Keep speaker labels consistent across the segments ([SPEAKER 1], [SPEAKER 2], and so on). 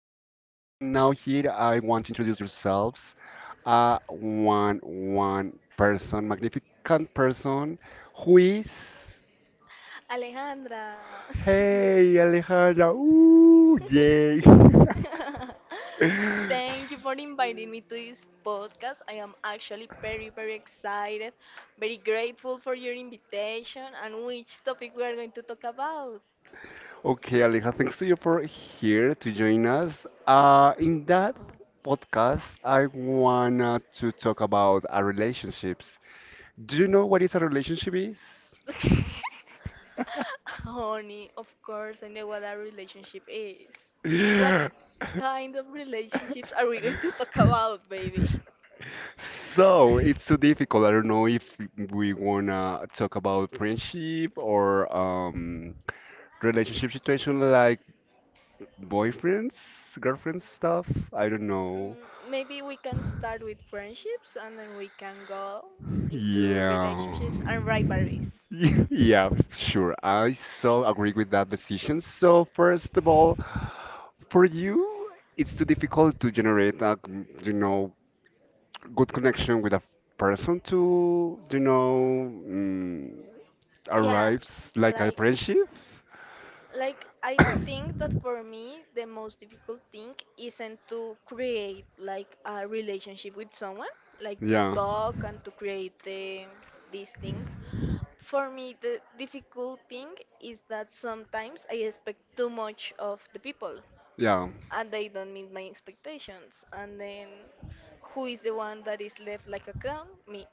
[SPEAKER 1] now here I want to introduce yourselves. One person, magnificent person, who is?
[SPEAKER 2] Alejandra.
[SPEAKER 1] Hey, Alejandra. Ooh, yay.
[SPEAKER 2] Thank you for inviting me to this podcast. I am actually very, very excited, very grateful for your invitation and which topic we are going to talk about.
[SPEAKER 1] Okay, Aleja, thanks to you for here to join us. In that podcast, I wanna to talk about our relationships. Do you know what is a relationship is?
[SPEAKER 2] Honey, of course, I know what a relationship is. What kind of relationships are we going to talk about, baby?
[SPEAKER 1] So it's too difficult. I don't know if we wanna talk about friendship or relationship situation like boyfriends, girlfriends stuff. I don't know.
[SPEAKER 2] Mm, maybe we can start with friendships and then we can go into
[SPEAKER 1] Yeah.
[SPEAKER 2] relationships and rivalries.
[SPEAKER 1] Yeah, sure. I so agree with that decision. So first of all, for you, it's too difficult to generate a, you know, good connection with a person to,
[SPEAKER 2] Yeah,
[SPEAKER 1] arrives like a
[SPEAKER 2] like
[SPEAKER 1] friendship.
[SPEAKER 2] I think that for me the most difficult thing isn't to create like a relationship with someone, like to
[SPEAKER 1] Yeah,
[SPEAKER 2] talk and to create the this thing. For me the difficult thing is that sometimes I expect too much of the people.
[SPEAKER 1] yeah.
[SPEAKER 2] And they don't meet my expectations. And then who is the one that is left like a clown? Me.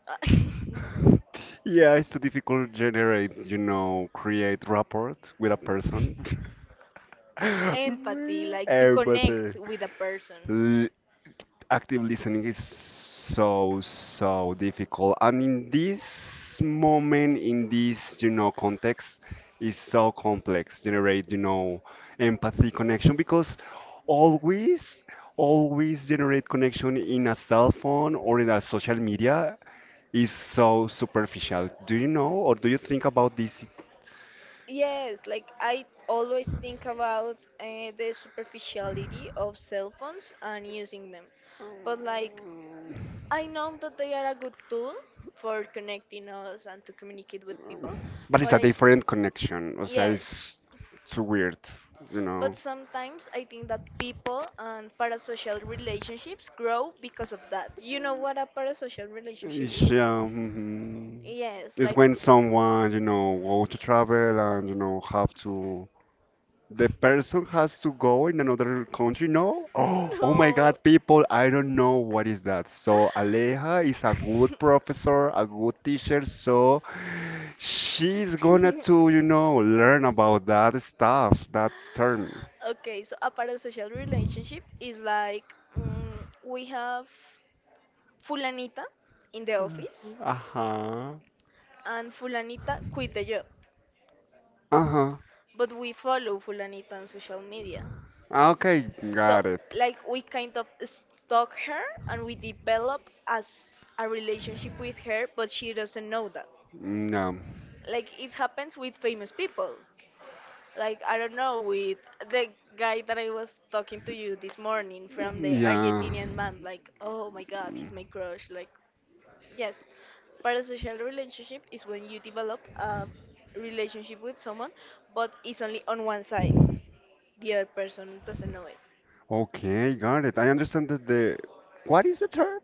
[SPEAKER 1] Yeah, it's too difficult to generate, create rapport with a person.
[SPEAKER 2] Empathy, like to
[SPEAKER 1] Everybody.
[SPEAKER 2] connect with a person.
[SPEAKER 1] Active listening is so difficult, and in this moment, in this, context is so complex generate, empathy connection, because always always generate connection in a cell phone or in a social media is so superficial. Do you know, or do you think about this?
[SPEAKER 2] Yes, like I always think about the superficiality of cell phones and using them. But like I know that they are a good tool for connecting us and to communicate with people,
[SPEAKER 1] But it's
[SPEAKER 2] but
[SPEAKER 1] a
[SPEAKER 2] I
[SPEAKER 1] different connection, o sea,
[SPEAKER 2] yes,
[SPEAKER 1] it's too weird, you
[SPEAKER 2] but
[SPEAKER 1] know.
[SPEAKER 2] sometimes I think that people and parasocial relationships grow because of that. You know what a parasocial relationship
[SPEAKER 1] It's,
[SPEAKER 2] is?
[SPEAKER 1] um,
[SPEAKER 2] Yes,
[SPEAKER 1] it's
[SPEAKER 2] like
[SPEAKER 1] when someone, you know, go to travel and, you know, have to, the person has to go in another country, no? Oh, oh my
[SPEAKER 2] no.
[SPEAKER 1] God, people, I don't know what is that. So Aleja is a good professor, a good teacher, so she's gonna to, you know, learn about that stuff, that term.
[SPEAKER 2] Okay, so a parasocial relationship is like mm, we have Fulanita in the office
[SPEAKER 1] Uh-huh.
[SPEAKER 2] and Fulanita quit the job.
[SPEAKER 1] Uh-huh.
[SPEAKER 2] But we follow Fulanita on social media.
[SPEAKER 1] Okay, got
[SPEAKER 2] So,
[SPEAKER 1] it.
[SPEAKER 2] like, we kind of stalk her and we develop as a relationship with her, but she doesn't know that.
[SPEAKER 1] Mm,
[SPEAKER 2] Like, it happens with famous people. Like, I don't know, with the guy that I was talking to you this morning
[SPEAKER 1] yeah.
[SPEAKER 2] from the
[SPEAKER 1] Mm,
[SPEAKER 2] Argentinian
[SPEAKER 1] yeah.
[SPEAKER 2] man, like, oh my god, he's my crush. Like, yes, parasocial relationship is when you develop a relationship with someone, but it's only on one side. The other person doesn't know it.
[SPEAKER 1] Okay, got it. I understand that the, what is the term?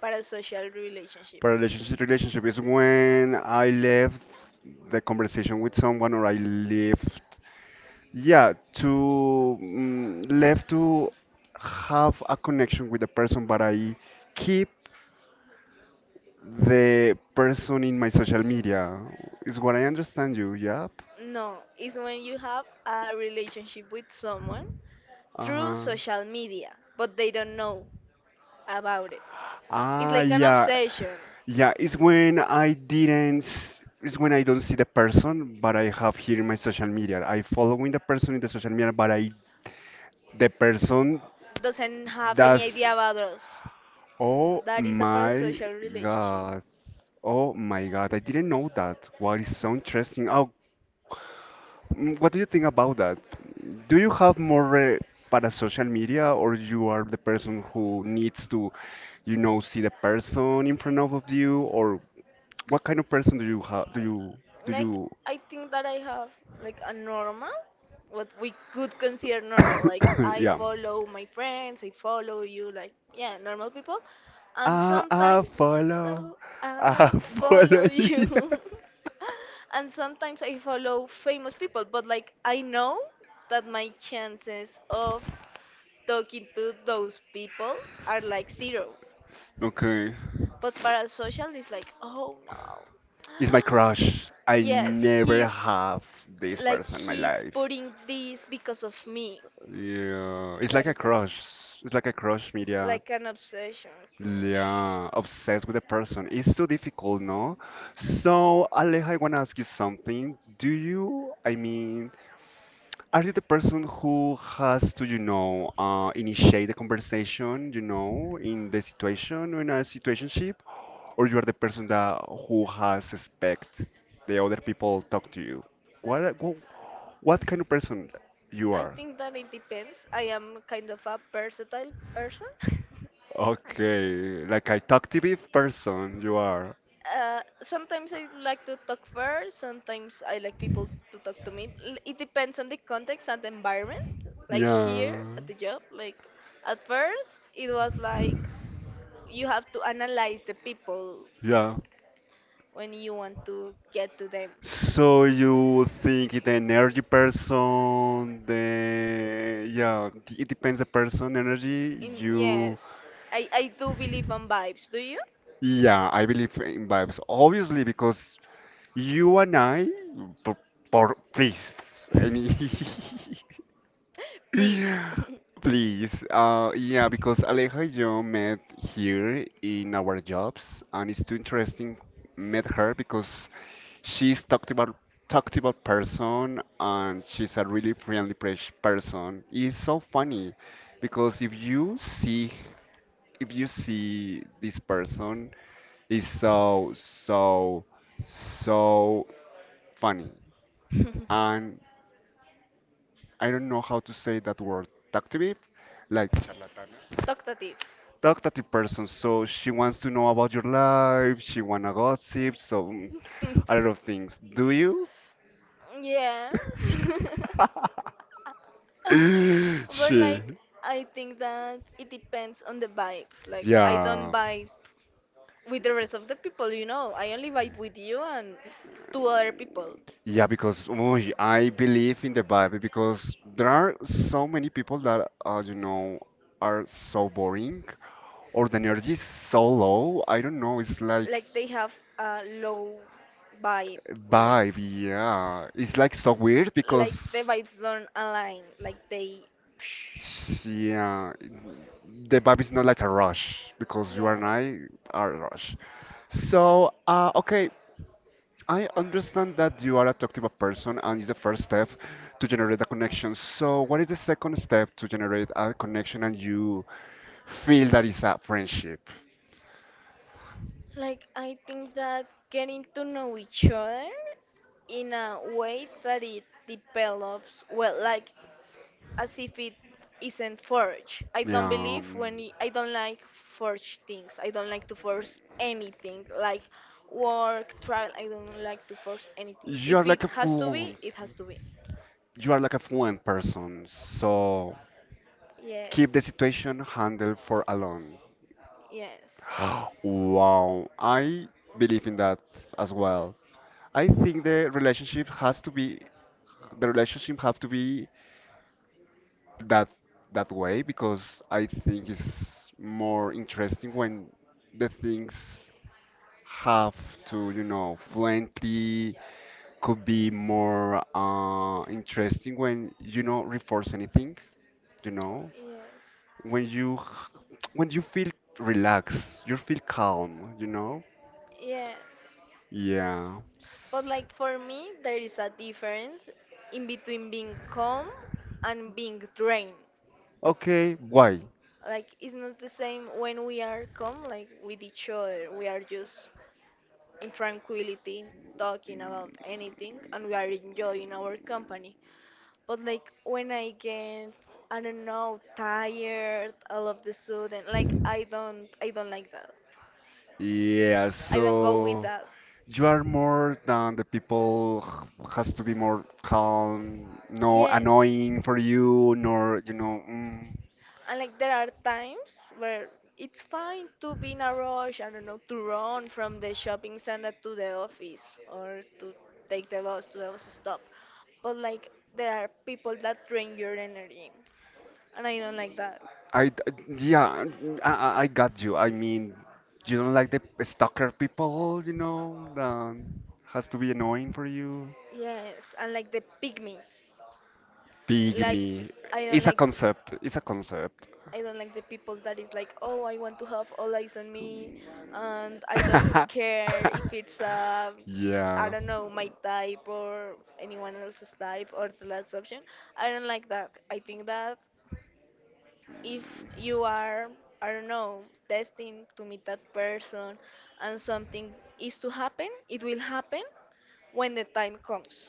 [SPEAKER 2] Parasocial relationship.
[SPEAKER 1] Paralationship relationship is when I left the conversation with someone, or I left, yeah, to left to have a connection with the person, but I keep the person in my social media. Is what I understand you, yep.
[SPEAKER 2] No, it's when you have a relationship with someone through
[SPEAKER 1] Uh-huh.
[SPEAKER 2] social media, but they don't know about it. It's
[SPEAKER 1] Ah,
[SPEAKER 2] like an
[SPEAKER 1] yeah.
[SPEAKER 2] obsession.
[SPEAKER 1] Yeah, it's when I didn't, s- it's when I don't see the person, but I have here in my social media. I following the person in the social media, but I, the person
[SPEAKER 2] Doesn't have any idea
[SPEAKER 1] does,
[SPEAKER 2] about us.
[SPEAKER 1] oh
[SPEAKER 2] That is a
[SPEAKER 1] my
[SPEAKER 2] parasocial relationship.
[SPEAKER 1] God, oh my God, I didn't know that. What is so interesting? Oh, what do you think about that? Do you have more para social media, or you are the person who needs to, you know, see the person in front of you, or what kind of person do you have? Do you
[SPEAKER 2] Uh,
[SPEAKER 1] do
[SPEAKER 2] like
[SPEAKER 1] you
[SPEAKER 2] I think that I have like a normal, what we could consider normal. Like I
[SPEAKER 1] Yeah.
[SPEAKER 2] follow my friends, I follow you, like yeah, normal people, and
[SPEAKER 1] I
[SPEAKER 2] sometimes uh,
[SPEAKER 1] follow.
[SPEAKER 2] I
[SPEAKER 1] I
[SPEAKER 2] follow
[SPEAKER 1] follow you.
[SPEAKER 2] you, and sometimes I follow famous people. But like I know that my chances of talking to those people are like zero,
[SPEAKER 1] Okay.
[SPEAKER 2] but parasocial is like, oh no.
[SPEAKER 1] It's my crush. I
[SPEAKER 2] Yes,
[SPEAKER 1] never
[SPEAKER 2] he's
[SPEAKER 1] have this
[SPEAKER 2] like
[SPEAKER 1] person in my
[SPEAKER 2] he's
[SPEAKER 1] life.
[SPEAKER 2] putting this because of me.
[SPEAKER 1] Yeah. It's like
[SPEAKER 2] That
[SPEAKER 1] a
[SPEAKER 2] is a
[SPEAKER 1] crush. It's like a crush media.
[SPEAKER 2] like an obsession crush.
[SPEAKER 1] Yeah. Obsessed with a person. It's too difficult, no? So, Aleja, I want to ask you something. Do you, I mean, are you the person who has to, initiate the conversation, you know, in the situation, in a situationship? Or you are the person that who has respect the other people talk to you, what are- wh- what kind of person you
[SPEAKER 2] I
[SPEAKER 1] are?
[SPEAKER 2] think that it depends. I am kind of a versatile person.
[SPEAKER 1] Okay, like a talkative person you are.
[SPEAKER 2] Sometimes I like to talk first. Sometimes I like people to talk to me. It depends on the context and the environment. Like here
[SPEAKER 1] Yeah,
[SPEAKER 2] at the job, like at first it was like you have to analyze the people
[SPEAKER 1] yeah,
[SPEAKER 2] when you want to get to them.
[SPEAKER 1] so you think it an energy person, the yeah, it depends the person energy
[SPEAKER 2] In
[SPEAKER 1] you.
[SPEAKER 2] yes, I do believe on vibes. Do you?
[SPEAKER 1] Yeah, I believe in vibes obviously because you and I, por, please, I mean,
[SPEAKER 2] Please.
[SPEAKER 1] please. Yeah, because Aleja and yo met here in our jobs, and it's too interesting, met her because she's talked about person, and she's a really friendly pres- person. It's so funny because if you see this person is so funny, and I don't know how to say that word. Talkative? Like charlatan.
[SPEAKER 2] Talkative.
[SPEAKER 1] Talkative person, so she wants to know about your life, she wanna gossip, so a lot of things. Do you?
[SPEAKER 2] Yeah. But
[SPEAKER 1] She,
[SPEAKER 2] like I think that it depends on the vibes. Like I don't
[SPEAKER 1] yeah,
[SPEAKER 2] vibe with the rest of the people, you know. I only vibe with you and two other people.
[SPEAKER 1] yeah, because oh, I believe in the Bible because there are so many people that, you know, are so boring or the energy is so low. I don't know, it's like
[SPEAKER 2] Like they have a low vibe. Like
[SPEAKER 1] vibe, yeah, it's like so weird because
[SPEAKER 2] the vibes don't align. Like they
[SPEAKER 1] yeah, the vibe is not like a rush because you
[SPEAKER 2] yeah,
[SPEAKER 1] and I are a rush. So, okay, I understand that you are a talkative person and it's the first step to generate a connection. So, what is the second step to generate a connection and you feel that it's a friendship?
[SPEAKER 2] like I think that getting to know each other in a way that it develops well, like as if it isn't forged. I
[SPEAKER 1] Yeah,
[SPEAKER 2] don't believe when
[SPEAKER 1] um,
[SPEAKER 2] I don't like forged things. I don't like to force anything, like work, trial. I don't like to force anything.
[SPEAKER 1] you
[SPEAKER 2] If
[SPEAKER 1] are
[SPEAKER 2] it
[SPEAKER 1] like a
[SPEAKER 2] has to be,
[SPEAKER 1] fluent,
[SPEAKER 2] it has to be.
[SPEAKER 1] you are like a fluent person. So, keep
[SPEAKER 2] Yes,
[SPEAKER 1] the situation handled for alone.
[SPEAKER 2] yes,
[SPEAKER 1] Wow, I believe in that as well. I think the relationship has to be the relationship have to be that that way, because I think it's more interesting when the things have to, you know, fluently could be more interesting when you know reinforce anything, you know,
[SPEAKER 2] yes,
[SPEAKER 1] when you when you feel relaxed, you feel calm, you know?
[SPEAKER 2] yes.
[SPEAKER 1] Yeah.
[SPEAKER 2] But like for me, there is a difference in between being calm and being drained.
[SPEAKER 1] Okay, why?
[SPEAKER 2] Like it's not the same when we are calm, like with each other. We are just in tranquility, talking about anything, and we are enjoying our company. But like when I get, I don't know, tired all of the sudden, like I don't like that.
[SPEAKER 1] Yeah,
[SPEAKER 2] I don't go with
[SPEAKER 1] so
[SPEAKER 2] that.
[SPEAKER 1] you are more than the people h- has to be more calm, no
[SPEAKER 2] Yes.
[SPEAKER 1] annoying for you, nor you know. Mm,
[SPEAKER 2] And like there are times where it's fine to be in a rush, I don't know, to run from the shopping center to the office or to take the bus to the bus stop. But like there are people that drain your energy. And I don't like that.
[SPEAKER 1] I d- yeah, I got you. I mean, you don't like the stalker people, you know, that has to be annoying for you.
[SPEAKER 2] Yes, and like the pygmies. Like
[SPEAKER 1] Pygmy,
[SPEAKER 2] I don't
[SPEAKER 1] it's a
[SPEAKER 2] like
[SPEAKER 1] concept. It's a concept.
[SPEAKER 2] I don't like the people that is like, oh, I want to have all eyes on me, and I don't care if it's I
[SPEAKER 1] Yeah,
[SPEAKER 2] don't know my type or anyone else's type or the last option. I don't like that. I think that if you are I don't know destined to meet that person and something is to happen, it will happen when the time comes.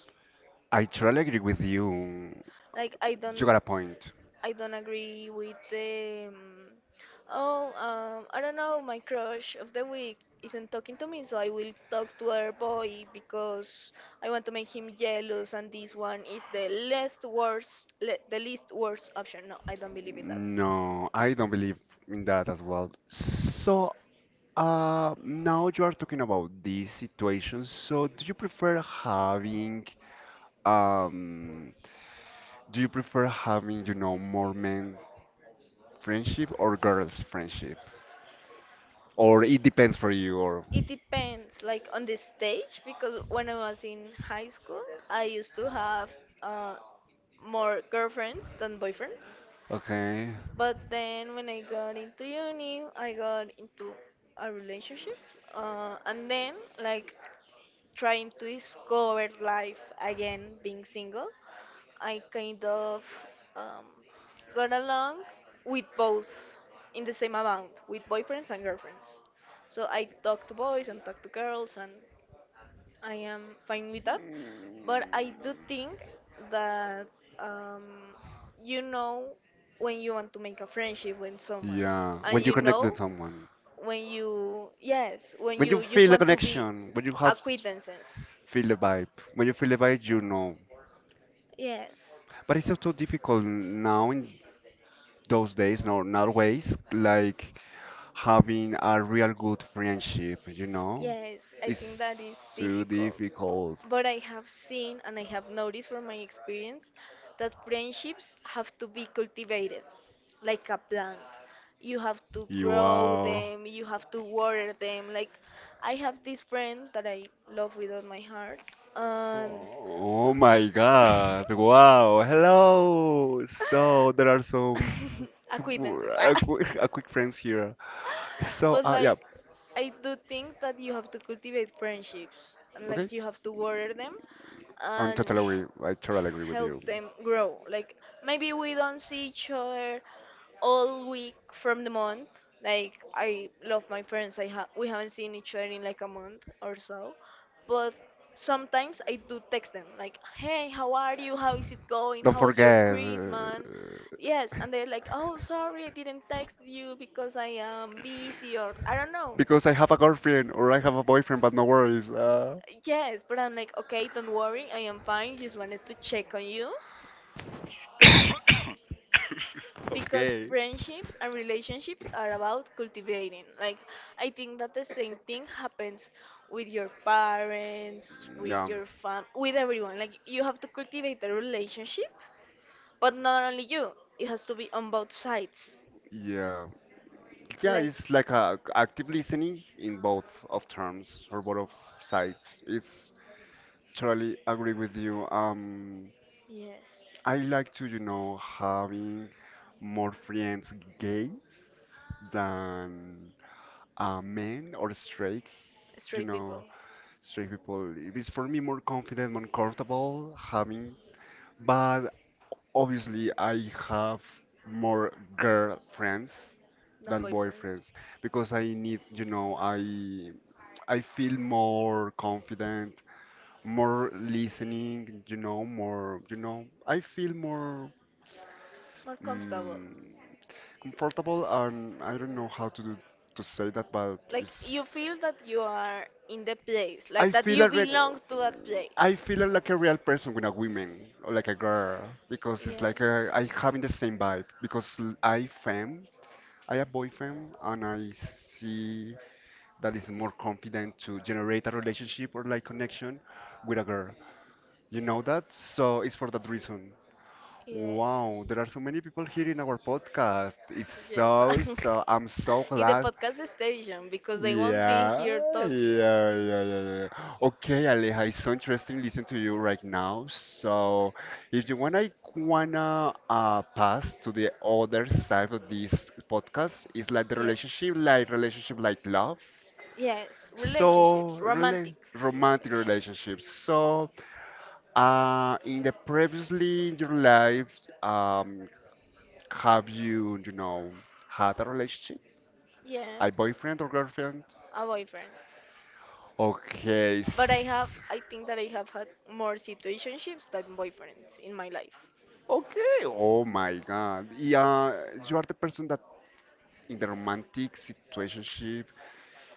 [SPEAKER 1] I totally agree with you.
[SPEAKER 2] Like I
[SPEAKER 1] You got
[SPEAKER 2] don't.
[SPEAKER 1] a point.
[SPEAKER 2] I don't agree with the. Oh, I don't know, my crush of the week isn't talking to me, so I will talk to her boy because I want to make him jealous, and this one is the least worst, le the least worst option. No, I don't believe in that.
[SPEAKER 1] No, I don't believe in that as well. So, now you are talking about this situation. So, um, do you prefer having, you know, more men friendship or girls friendship? Or it depends for you, or
[SPEAKER 2] It depends, like on the stage, because when I was in high school, I used to have uh, more girlfriends than boyfriends.
[SPEAKER 1] okay.
[SPEAKER 2] But then when I got into uni, I got into a relationship, and then like trying to discover life again, being single, I kind of um, got along with both in the same amount, with boyfriends and girlfriends. So I talked to boys and talked to girls and I am fine with that. But I do think that um, you know when you want to make a friendship with someone,
[SPEAKER 1] Yeah,
[SPEAKER 2] and
[SPEAKER 1] when you
[SPEAKER 2] you
[SPEAKER 1] connect with
[SPEAKER 2] know
[SPEAKER 1] someone,
[SPEAKER 2] when you, yes, when
[SPEAKER 1] when you
[SPEAKER 2] you just
[SPEAKER 1] feel the
[SPEAKER 2] want to be
[SPEAKER 1] connection, when you have s-
[SPEAKER 2] acquaintances.
[SPEAKER 1] feel the vibe, when you feel the vibe, you know.
[SPEAKER 2] Yes.
[SPEAKER 1] But it's also difficult now in those days, no, nowadays, like having a real good friendship, you know?
[SPEAKER 2] Yes, I think
[SPEAKER 1] It's
[SPEAKER 2] that is
[SPEAKER 1] so
[SPEAKER 2] difficult.
[SPEAKER 1] difficult.
[SPEAKER 2] But I have seen and I have noticed from my experience that friendships have to be cultivated like a plant. You have to grow
[SPEAKER 1] Wow.
[SPEAKER 2] them, you have to water them. Like, I have this friend that I love with all my heart, and
[SPEAKER 1] Oh my God. Wow. Hello. So there are some
[SPEAKER 2] acquaintances. Ah.
[SPEAKER 1] a quick friends here. So
[SPEAKER 2] But
[SPEAKER 1] yeah.
[SPEAKER 2] like I do think that you have to cultivate friendships and
[SPEAKER 1] Okay.
[SPEAKER 2] like you have to water them
[SPEAKER 1] I'm
[SPEAKER 2] and
[SPEAKER 1] totally agree. I totally agree with you.
[SPEAKER 2] help them grow. Like maybe we don't see each other all week from the month. Like I love my friends. I we haven't seen each other in like a month or so, but sometimes I do text them like, "Hey, how are you? How is it going?
[SPEAKER 1] Don't
[SPEAKER 2] How was your
[SPEAKER 1] forget.
[SPEAKER 2] Christmas?" Yes, and they're like,
[SPEAKER 1] uh,
[SPEAKER 2] "Oh, sorry, I didn't text you because I am busy or I don't know."
[SPEAKER 1] because I have a girlfriend or I have a boyfriend, but no worries.
[SPEAKER 2] Yes, but I'm like, "Okay, don't worry, I am fine. Just wanted to check on you." Because
[SPEAKER 1] Okay.
[SPEAKER 2] friendships and relationships are about cultivating. Like, I think that the same thing happens with your parents, with
[SPEAKER 1] Yeah,
[SPEAKER 2] your fam, with everyone. Like, you have to cultivate the relationship, but not only you. It has to be on both sides.
[SPEAKER 1] yeah, yeah.
[SPEAKER 2] Like,
[SPEAKER 1] It's like a active listening in both of terms or both of sides. It's totally agree with you.
[SPEAKER 2] yes.
[SPEAKER 1] I like to, you know, having more friends gays than men or straight. You
[SPEAKER 2] Straight
[SPEAKER 1] know,
[SPEAKER 2] people,
[SPEAKER 1] straight people. It is for me more confident, more comfortable having, but obviously, I have more girlfriends
[SPEAKER 2] non
[SPEAKER 1] than
[SPEAKER 2] boyfriends.
[SPEAKER 1] boyfriends because I need, you know, I feel more confident, more listening, you know, more, you know, I feel more
[SPEAKER 2] More comfortable.
[SPEAKER 1] mm, comfortable, and I don't know how to do, to say that, but
[SPEAKER 2] Like you
[SPEAKER 1] it's,
[SPEAKER 2] feel that you are in the place,
[SPEAKER 1] I
[SPEAKER 2] like that
[SPEAKER 1] feel
[SPEAKER 2] you
[SPEAKER 1] a reg
[SPEAKER 2] belong to that
[SPEAKER 1] I
[SPEAKER 2] place.
[SPEAKER 1] feel like a real person with a woman or like a girl because it's
[SPEAKER 2] Yes.
[SPEAKER 1] like a, I having the same vibe because I femme, I have boyfriend and I see that is more confident to generate a relationship or like connection with a girl. You know that? So it's for that reason.
[SPEAKER 2] Yes.
[SPEAKER 1] Wow, there are so many people here in our podcast. It's
[SPEAKER 2] Yes.
[SPEAKER 1] so so I'm so
[SPEAKER 2] In the
[SPEAKER 1] glad.
[SPEAKER 2] podcast station because they won't be
[SPEAKER 1] Yeah,
[SPEAKER 2] here talking.
[SPEAKER 1] yeah. Okay, Aleja, it's so interesting listening to you right now. So, if you wanna pass to the other side of this podcast, it's like the
[SPEAKER 2] Yes.
[SPEAKER 1] relationship, like love.
[SPEAKER 2] Yes,
[SPEAKER 1] So,
[SPEAKER 2] relationships, romantic
[SPEAKER 1] really romantic
[SPEAKER 2] relationships.
[SPEAKER 1] relationships. So, in the previously in your life, um, have you, you know, had a relationship, a
[SPEAKER 2] Yes,
[SPEAKER 1] boyfriend or girlfriend?
[SPEAKER 2] a boyfriend.
[SPEAKER 1] Okay.
[SPEAKER 2] But I have, I think that I have had more situationships than boyfriends in my life.
[SPEAKER 1] Okay. Oh my God. Yeah, you are the person that in the romantic situationship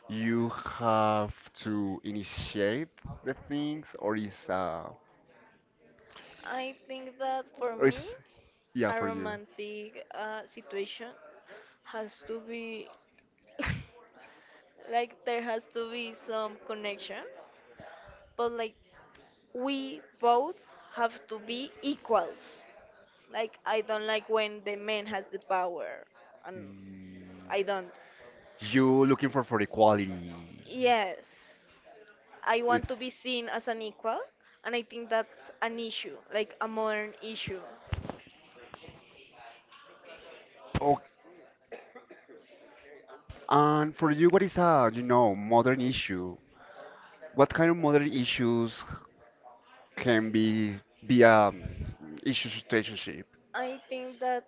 [SPEAKER 1] you have to initiate the things, or is
[SPEAKER 2] I think that for
[SPEAKER 1] or
[SPEAKER 2] me,
[SPEAKER 1] is yeah
[SPEAKER 2] a
[SPEAKER 1] for you.
[SPEAKER 2] romantic situation has to be like there has to be some connection, but like we both have to be equals. Like I don't like when the man has the power, and I
[SPEAKER 1] Mm,
[SPEAKER 2] don't.
[SPEAKER 1] you looking for equality.
[SPEAKER 2] Yes, I want to be
[SPEAKER 1] It's
[SPEAKER 2] seen as an equal, and I think that's an issue, like a modern issue.
[SPEAKER 1] oh, and for you, what is a you know modern issue? What kind of modern issues can be a issue situationship?
[SPEAKER 2] I think that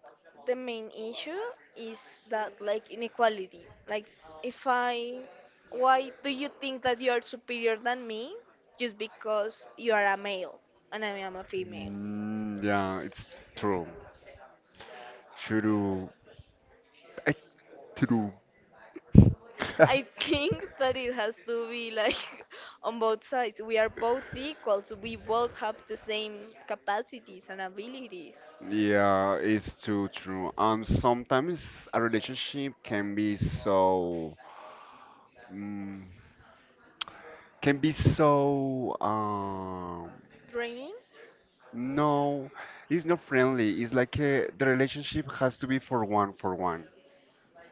[SPEAKER 2] the main issue is that like inequality. Like if I why do you think that you are superior than me just because you are a male and I am a female?
[SPEAKER 1] Yeah, it's true. Churu. eh, True.
[SPEAKER 2] I think that it has to be like on both sides. We are both equal, so we both have the same capacities and abilities.
[SPEAKER 1] Yeah, it's too true. And sometimes a relationship can be so, mm, can be so,
[SPEAKER 2] Training?
[SPEAKER 1] no, it's not friendly. It's like a, the relationship has to be for one, for one.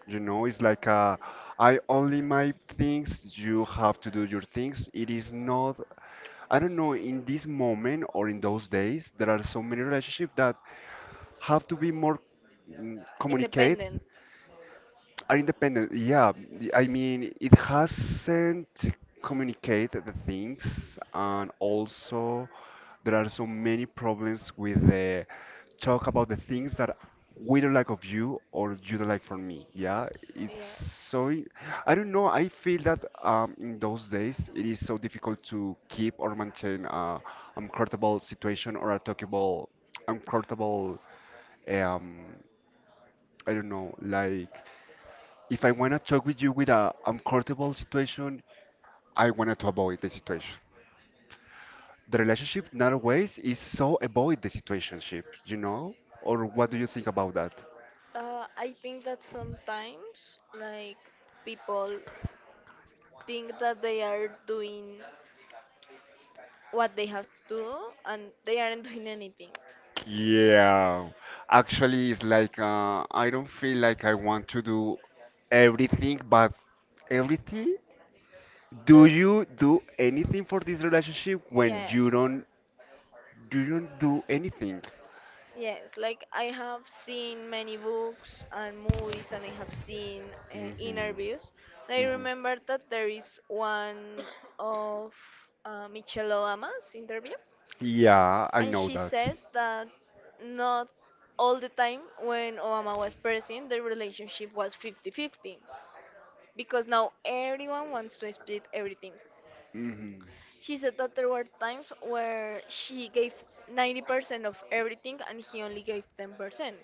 [SPEAKER 1] You know, it's like I only my things, you have to do your things. It is not, I don't know, in this moment or in those days, there are so many relationships that have to be more communicate
[SPEAKER 2] Independent.
[SPEAKER 1] are independent, yeah. I mean, it hasn't communicated the things, and also there are so many problems with the talk about the things that we don't like of you or you don't like from me. Yeah, it's
[SPEAKER 2] Yes.
[SPEAKER 1] so. I don't know. I feel that in those days it is so difficult to keep or maintain a uncomfortable situation or a talkable, uncomfortable. Um, I don't know, like. If I want to talk with you with a uncomfortable situation, I wanted to avoid the situation. The relationship nowadays is so avoid the situationship, you know? Or what do you think
[SPEAKER 2] Yes.
[SPEAKER 1] about that?
[SPEAKER 2] I think that sometimes, like, people think that they are doing what they have to do and they aren't doing anything.
[SPEAKER 1] Yeah, actually, it's like I don't feel like I want to do everything, but everything. Do
[SPEAKER 2] Uh,
[SPEAKER 1] you do anything for this relationship when you
[SPEAKER 2] yes.
[SPEAKER 1] don't you don't do anything?
[SPEAKER 2] Yes, like I have seen many books and movies, and I have seen
[SPEAKER 1] Hmm.
[SPEAKER 2] interviews. I
[SPEAKER 1] Hmm.
[SPEAKER 2] remember that there is one of Michelle Obama's interview,
[SPEAKER 1] Yeah, I
[SPEAKER 2] and
[SPEAKER 1] know
[SPEAKER 2] she
[SPEAKER 1] that.
[SPEAKER 2] says that not all the time when Obama was president, the relationship was 50-50, because now everyone wants to split everything.
[SPEAKER 1] Hmm.
[SPEAKER 2] She said that there were times where she gave 90% of everything and he only gave 10%.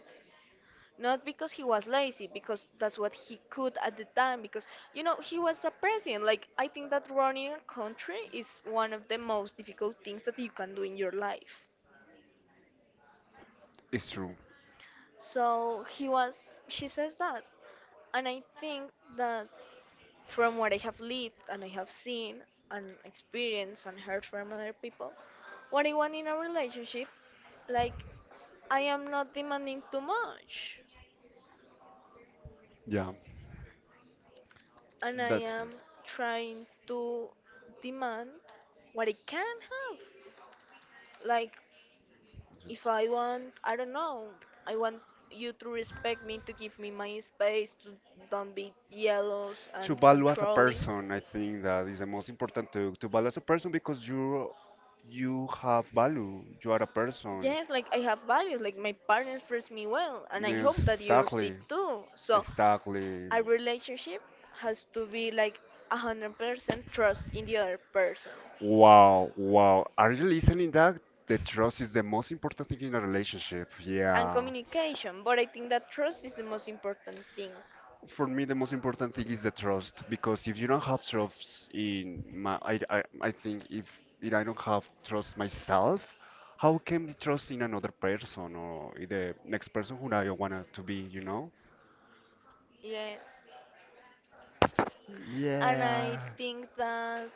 [SPEAKER 2] Not because he was lazy, because that's what he could at the time, because, you know, he was a president. Like, I think that running a country is one of the most difficult things that you can do in your life.
[SPEAKER 1] It's true.
[SPEAKER 2] So he was, she says that. And I think that, from what I have lived and I have seen and experienced and heard from other people, what I want in a relationship, like, I am not demanding too much,
[SPEAKER 1] Yeah,
[SPEAKER 2] and I
[SPEAKER 1] that's true.
[SPEAKER 2] am trying to demand what I can have. Like, if I want, I don't know, I want you to respect me, to give me my space, to don't be jealous
[SPEAKER 1] To
[SPEAKER 2] and
[SPEAKER 1] value as a
[SPEAKER 2] controlling.
[SPEAKER 1] person, I think that is the most important to value as a person because you have value. You are a person.
[SPEAKER 2] Yes, like I have values, like my partner treats me well, and I hope that yours did
[SPEAKER 1] Exactly.
[SPEAKER 2] too. So,
[SPEAKER 1] Exactly.
[SPEAKER 2] a relationship has to be like 100% trust in the other person.
[SPEAKER 1] Wow, wow. Are you listening that? The trust is the most important thing in a relationship.
[SPEAKER 2] And
[SPEAKER 1] Yeah.
[SPEAKER 2] communication, but I think that trust is the most important thing.
[SPEAKER 1] For me, the most important thing is the trust because if you don't have trust in my, I think if I don't have trust myself, how can I trust in another person or in the next person who I wanna to be, you know?
[SPEAKER 2] Yes. And I
[SPEAKER 1] Yeah.
[SPEAKER 2] think that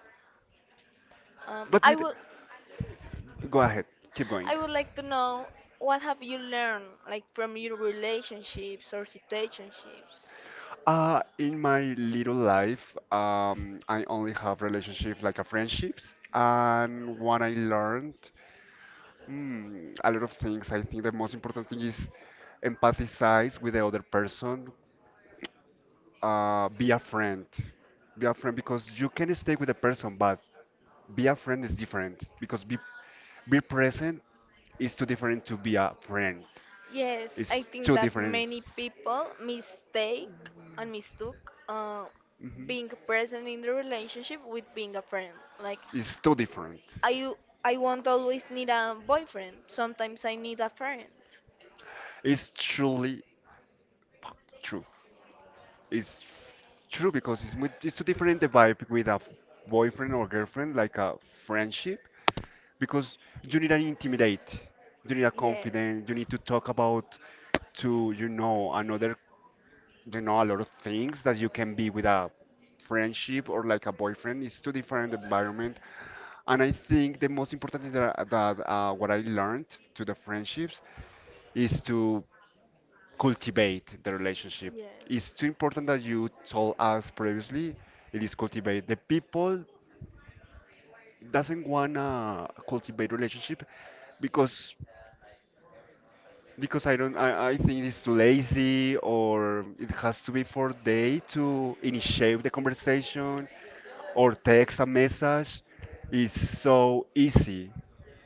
[SPEAKER 1] But
[SPEAKER 2] I
[SPEAKER 1] it,
[SPEAKER 2] will.
[SPEAKER 1] go ahead, keep going.
[SPEAKER 2] I would like to know what have you learned, like, from your relationships or situationships?
[SPEAKER 1] In my little life, I only have relationships like a friendships, and what I learned. A lot of things. I think the most important thing is empathize with the other person. Be a friend. Be a friend because you can stay with the person, but be a friend is different because be present is too different to be a friend.
[SPEAKER 2] Yes, I
[SPEAKER 1] It's
[SPEAKER 2] think
[SPEAKER 1] too
[SPEAKER 2] that
[SPEAKER 1] different.
[SPEAKER 2] many people mistake and mistook
[SPEAKER 1] Hmm.
[SPEAKER 2] being present in the relationship with being a friend. Like,
[SPEAKER 1] It's too different.
[SPEAKER 2] I I won't always need a boyfriend. Sometimes I need a friend.
[SPEAKER 1] It's truly true. It's true because it's too different the vibe with a boyfriend or girlfriend, like a friendship, because you need an intimidate, you need a
[SPEAKER 2] Yes.
[SPEAKER 1] confidence, you need to talk about to, another, a lot of things that you can be with a friendship or like a boyfriend. It's two different environment. And I think the most important is that what I learned to the friendships is to cultivate the relationship. It's
[SPEAKER 2] Yes.
[SPEAKER 1] too important that you told us previously. It is cultivate the people doesn't wanna cultivate relationship because Because. I don't, I think it's too lazy, or it has to be for they to initiate the conversation or text a message. It's so easy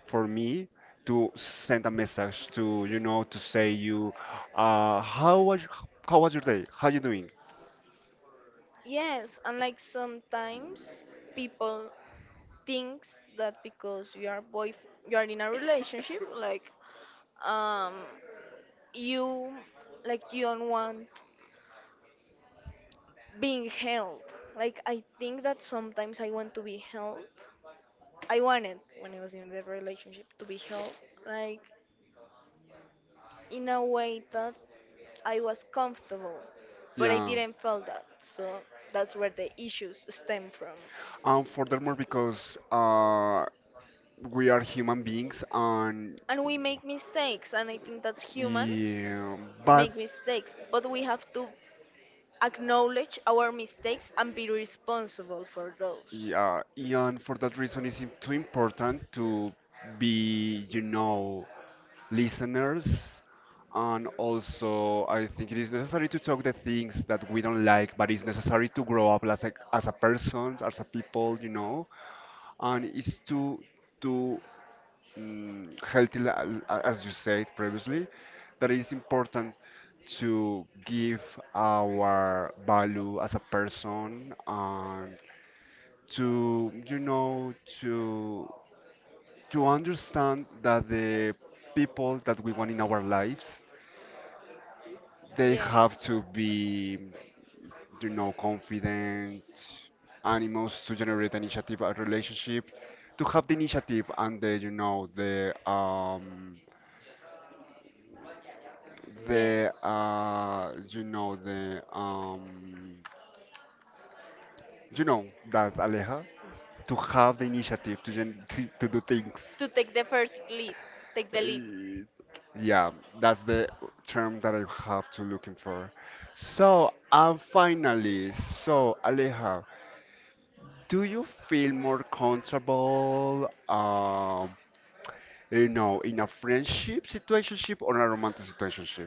[SPEAKER 1] for me to send a message to, to say you, uh, how was, how was your day? How you doing?
[SPEAKER 2] Yes, and like sometimes people thinks that because you are boy, you are in a relationship, like, um, you, like, you don't want being held. Like, I think that sometimes I want to be held. I wanted, when I was in the relationship, to be held. Like, in a way that I was comfortable, but I
[SPEAKER 1] Yeah.
[SPEAKER 2] didn't feel that. So that's where the issues stem from.
[SPEAKER 1] And furthermore, because we are human beings, and
[SPEAKER 2] And we make mistakes, and I think that's human,
[SPEAKER 1] yeah, bad.
[SPEAKER 2] make mistakes, but we have to acknowledge our mistakes and be responsible for those.
[SPEAKER 1] Yeah, and for that reason, it's too important to be, listeners. And also, I think it is necessary to talk the things that we don't like, but it's necessary to grow up as a person, as a people. And it's too healthy, as you said previously, that it's important to give our value as a person, and to you know to to understand that the people that we want in our lives, they have
[SPEAKER 2] Yes,
[SPEAKER 1] to be confident animals to generate initiative a relationship, to have the initiative and the you know the um the
[SPEAKER 2] yes.
[SPEAKER 1] uh you know that Aleja, to have the initiative to to do things.
[SPEAKER 2] To take the first lead, take the lead.
[SPEAKER 1] Eh, Yeah, that's the term that I have to looking for. So, and finally, so Aleja, do you feel more comfortable, in a friendship situationship or a romantic situationship?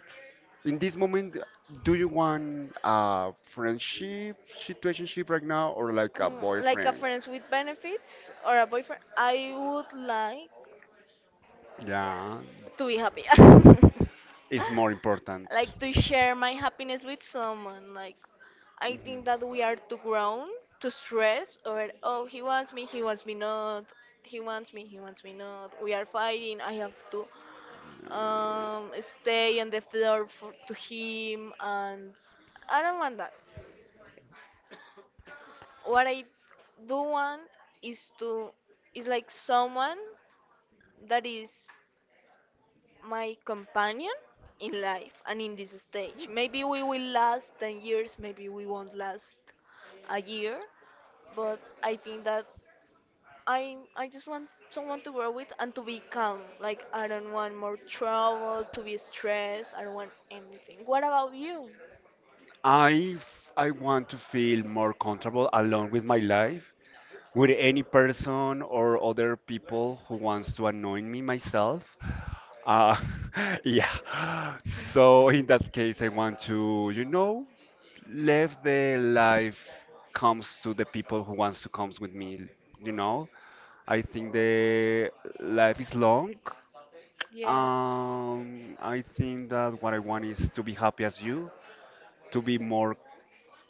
[SPEAKER 1] In this moment, do you want a friendship situationship right now or like a
[SPEAKER 2] Mm, like a
[SPEAKER 1] boyfriend?
[SPEAKER 2] friends with benefits or a boyfriend, I would like
[SPEAKER 1] Yeah,
[SPEAKER 2] to be happy,
[SPEAKER 1] it's more important.
[SPEAKER 2] like to share my happiness with someone. Like, I think
[SPEAKER 1] Mm-hmm.
[SPEAKER 2] that we are too grown to stress, or oh, he wants me, he wants me not, he wants me, he wants me not, we are fighting, I have to, stay on the floor for, to him, and I don't want that. What I do want is to, is like someone that is my companion in life and in this stage. Maybe we will last 10 years, maybe we won't last a year, but I think that I just want someone to grow with and to be calm. Like, I don't want more trouble, to be stressed, I don't want anything. What about you?
[SPEAKER 1] I want to feel more comfortable alone with my life, with any person or other people who wants to annoy me myself. Uh, yeah. So in that case, I want to live the life comes to the people who wants to comes with me. You know, I think the life is long.
[SPEAKER 2] Yes,
[SPEAKER 1] I think that what I want is to be happy as you, to be more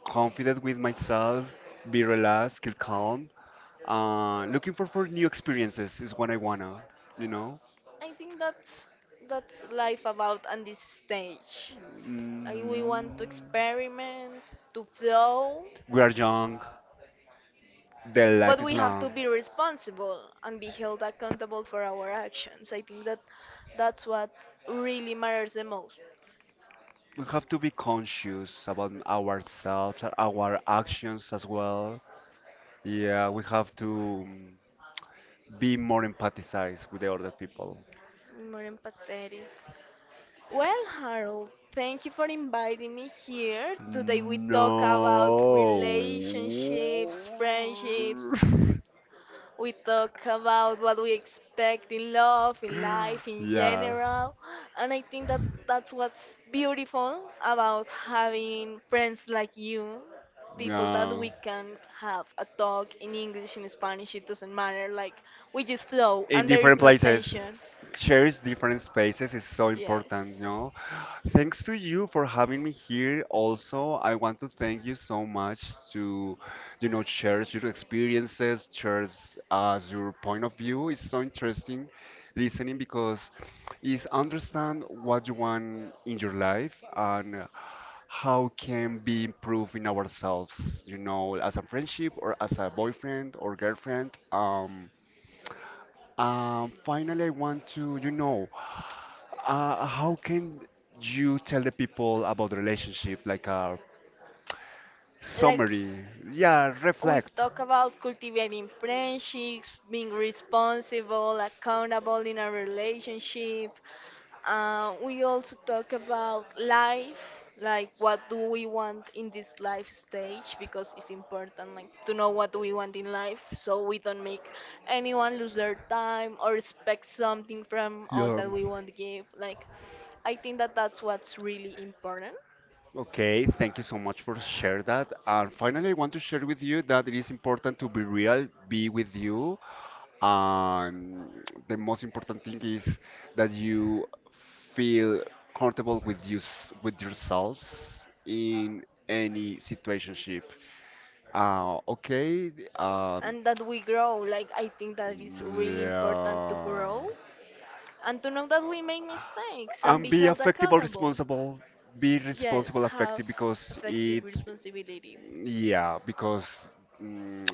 [SPEAKER 1] confident with myself, be relaxed, keep calm. Looking for new experiences is what I wanna, you know?
[SPEAKER 2] I think that's life about on this stage. I,
[SPEAKER 1] Mm,
[SPEAKER 2] we want to experiment, to flow,
[SPEAKER 1] we are young, the life
[SPEAKER 2] but
[SPEAKER 1] is
[SPEAKER 2] we have
[SPEAKER 1] long.
[SPEAKER 2] to be responsible and be held accountable for our actions. I think that that's what really matters the most.
[SPEAKER 1] We have to be conscious about ourselves, and our actions as well. Yeah, we have to be more empathized with the other people.
[SPEAKER 2] More empathetic. Well, Harold, thank you for inviting me here. Today we
[SPEAKER 1] No.
[SPEAKER 2] talk about relationships, friendships. We talk about what we expect in love, in life, in
[SPEAKER 1] Yeah.
[SPEAKER 2] general. And I think that that's what's beautiful about having friends like you, people that we
[SPEAKER 1] No.
[SPEAKER 2] can have a talk in English, in Spanish, it doesn't matter. Like, we just flow
[SPEAKER 1] In
[SPEAKER 2] and there is
[SPEAKER 1] different
[SPEAKER 2] no
[SPEAKER 1] places,
[SPEAKER 2] tension.
[SPEAKER 1] shares different spaces is so
[SPEAKER 2] Yes.
[SPEAKER 1] important. Thanks to you for having me here. Also, I want to thank you so much to, share your experiences, share as your point of view. It's so interesting listening because is understand what you want in your life and how can be improving ourselves as a friendship or as a boyfriend or girlfriend. Finally, I want to, how can you tell the people about the relationship, like a
[SPEAKER 2] Like,
[SPEAKER 1] summary? Yeah,
[SPEAKER 2] we
[SPEAKER 1] reflect.
[SPEAKER 2] talk about cultivating friendships, being responsible, accountable in a relationship. We also talk about life, like, what do we want in this life stage, because it's important, like, to know what we want in life, so we don't make anyone lose their time or expect something from us that we won't give. Like, I think that that's what's really important,
[SPEAKER 1] Okay, thank you so much for share that. And finally, I want to share with you that it is important to be real, be with you, and the most important thing is that you feel comfortable with you, with yourselves, in any situationship. Okay,
[SPEAKER 2] and that we grow. Like, I think that it's really important to
[SPEAKER 1] yeah.
[SPEAKER 2] grow and to know that we make mistakes and
[SPEAKER 1] And
[SPEAKER 2] be
[SPEAKER 1] be
[SPEAKER 2] held
[SPEAKER 1] affectable,
[SPEAKER 2] accountable.
[SPEAKER 1] responsible. Be
[SPEAKER 2] Yes,
[SPEAKER 1] responsible,
[SPEAKER 2] have
[SPEAKER 1] affective,
[SPEAKER 2] effective responsibility.
[SPEAKER 1] yeah, because mm,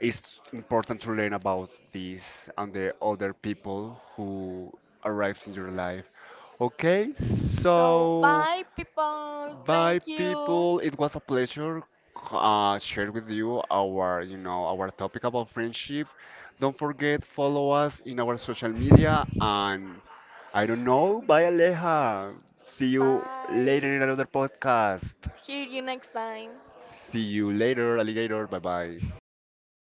[SPEAKER 1] it's important to learn about this and the other people who arrives in your life. Okay,
[SPEAKER 2] So,
[SPEAKER 1] so,
[SPEAKER 2] bye, people.
[SPEAKER 1] bye,
[SPEAKER 2] Thank you.
[SPEAKER 1] people. It was a pleasure share with you our topic about friendship. Don't forget follow us in our social media, and I don't know. Bye, Aleja. See you
[SPEAKER 2] Bye.
[SPEAKER 1] later in another podcast.
[SPEAKER 2] Hear you next time.
[SPEAKER 1] See you later, alligator. Bye bye.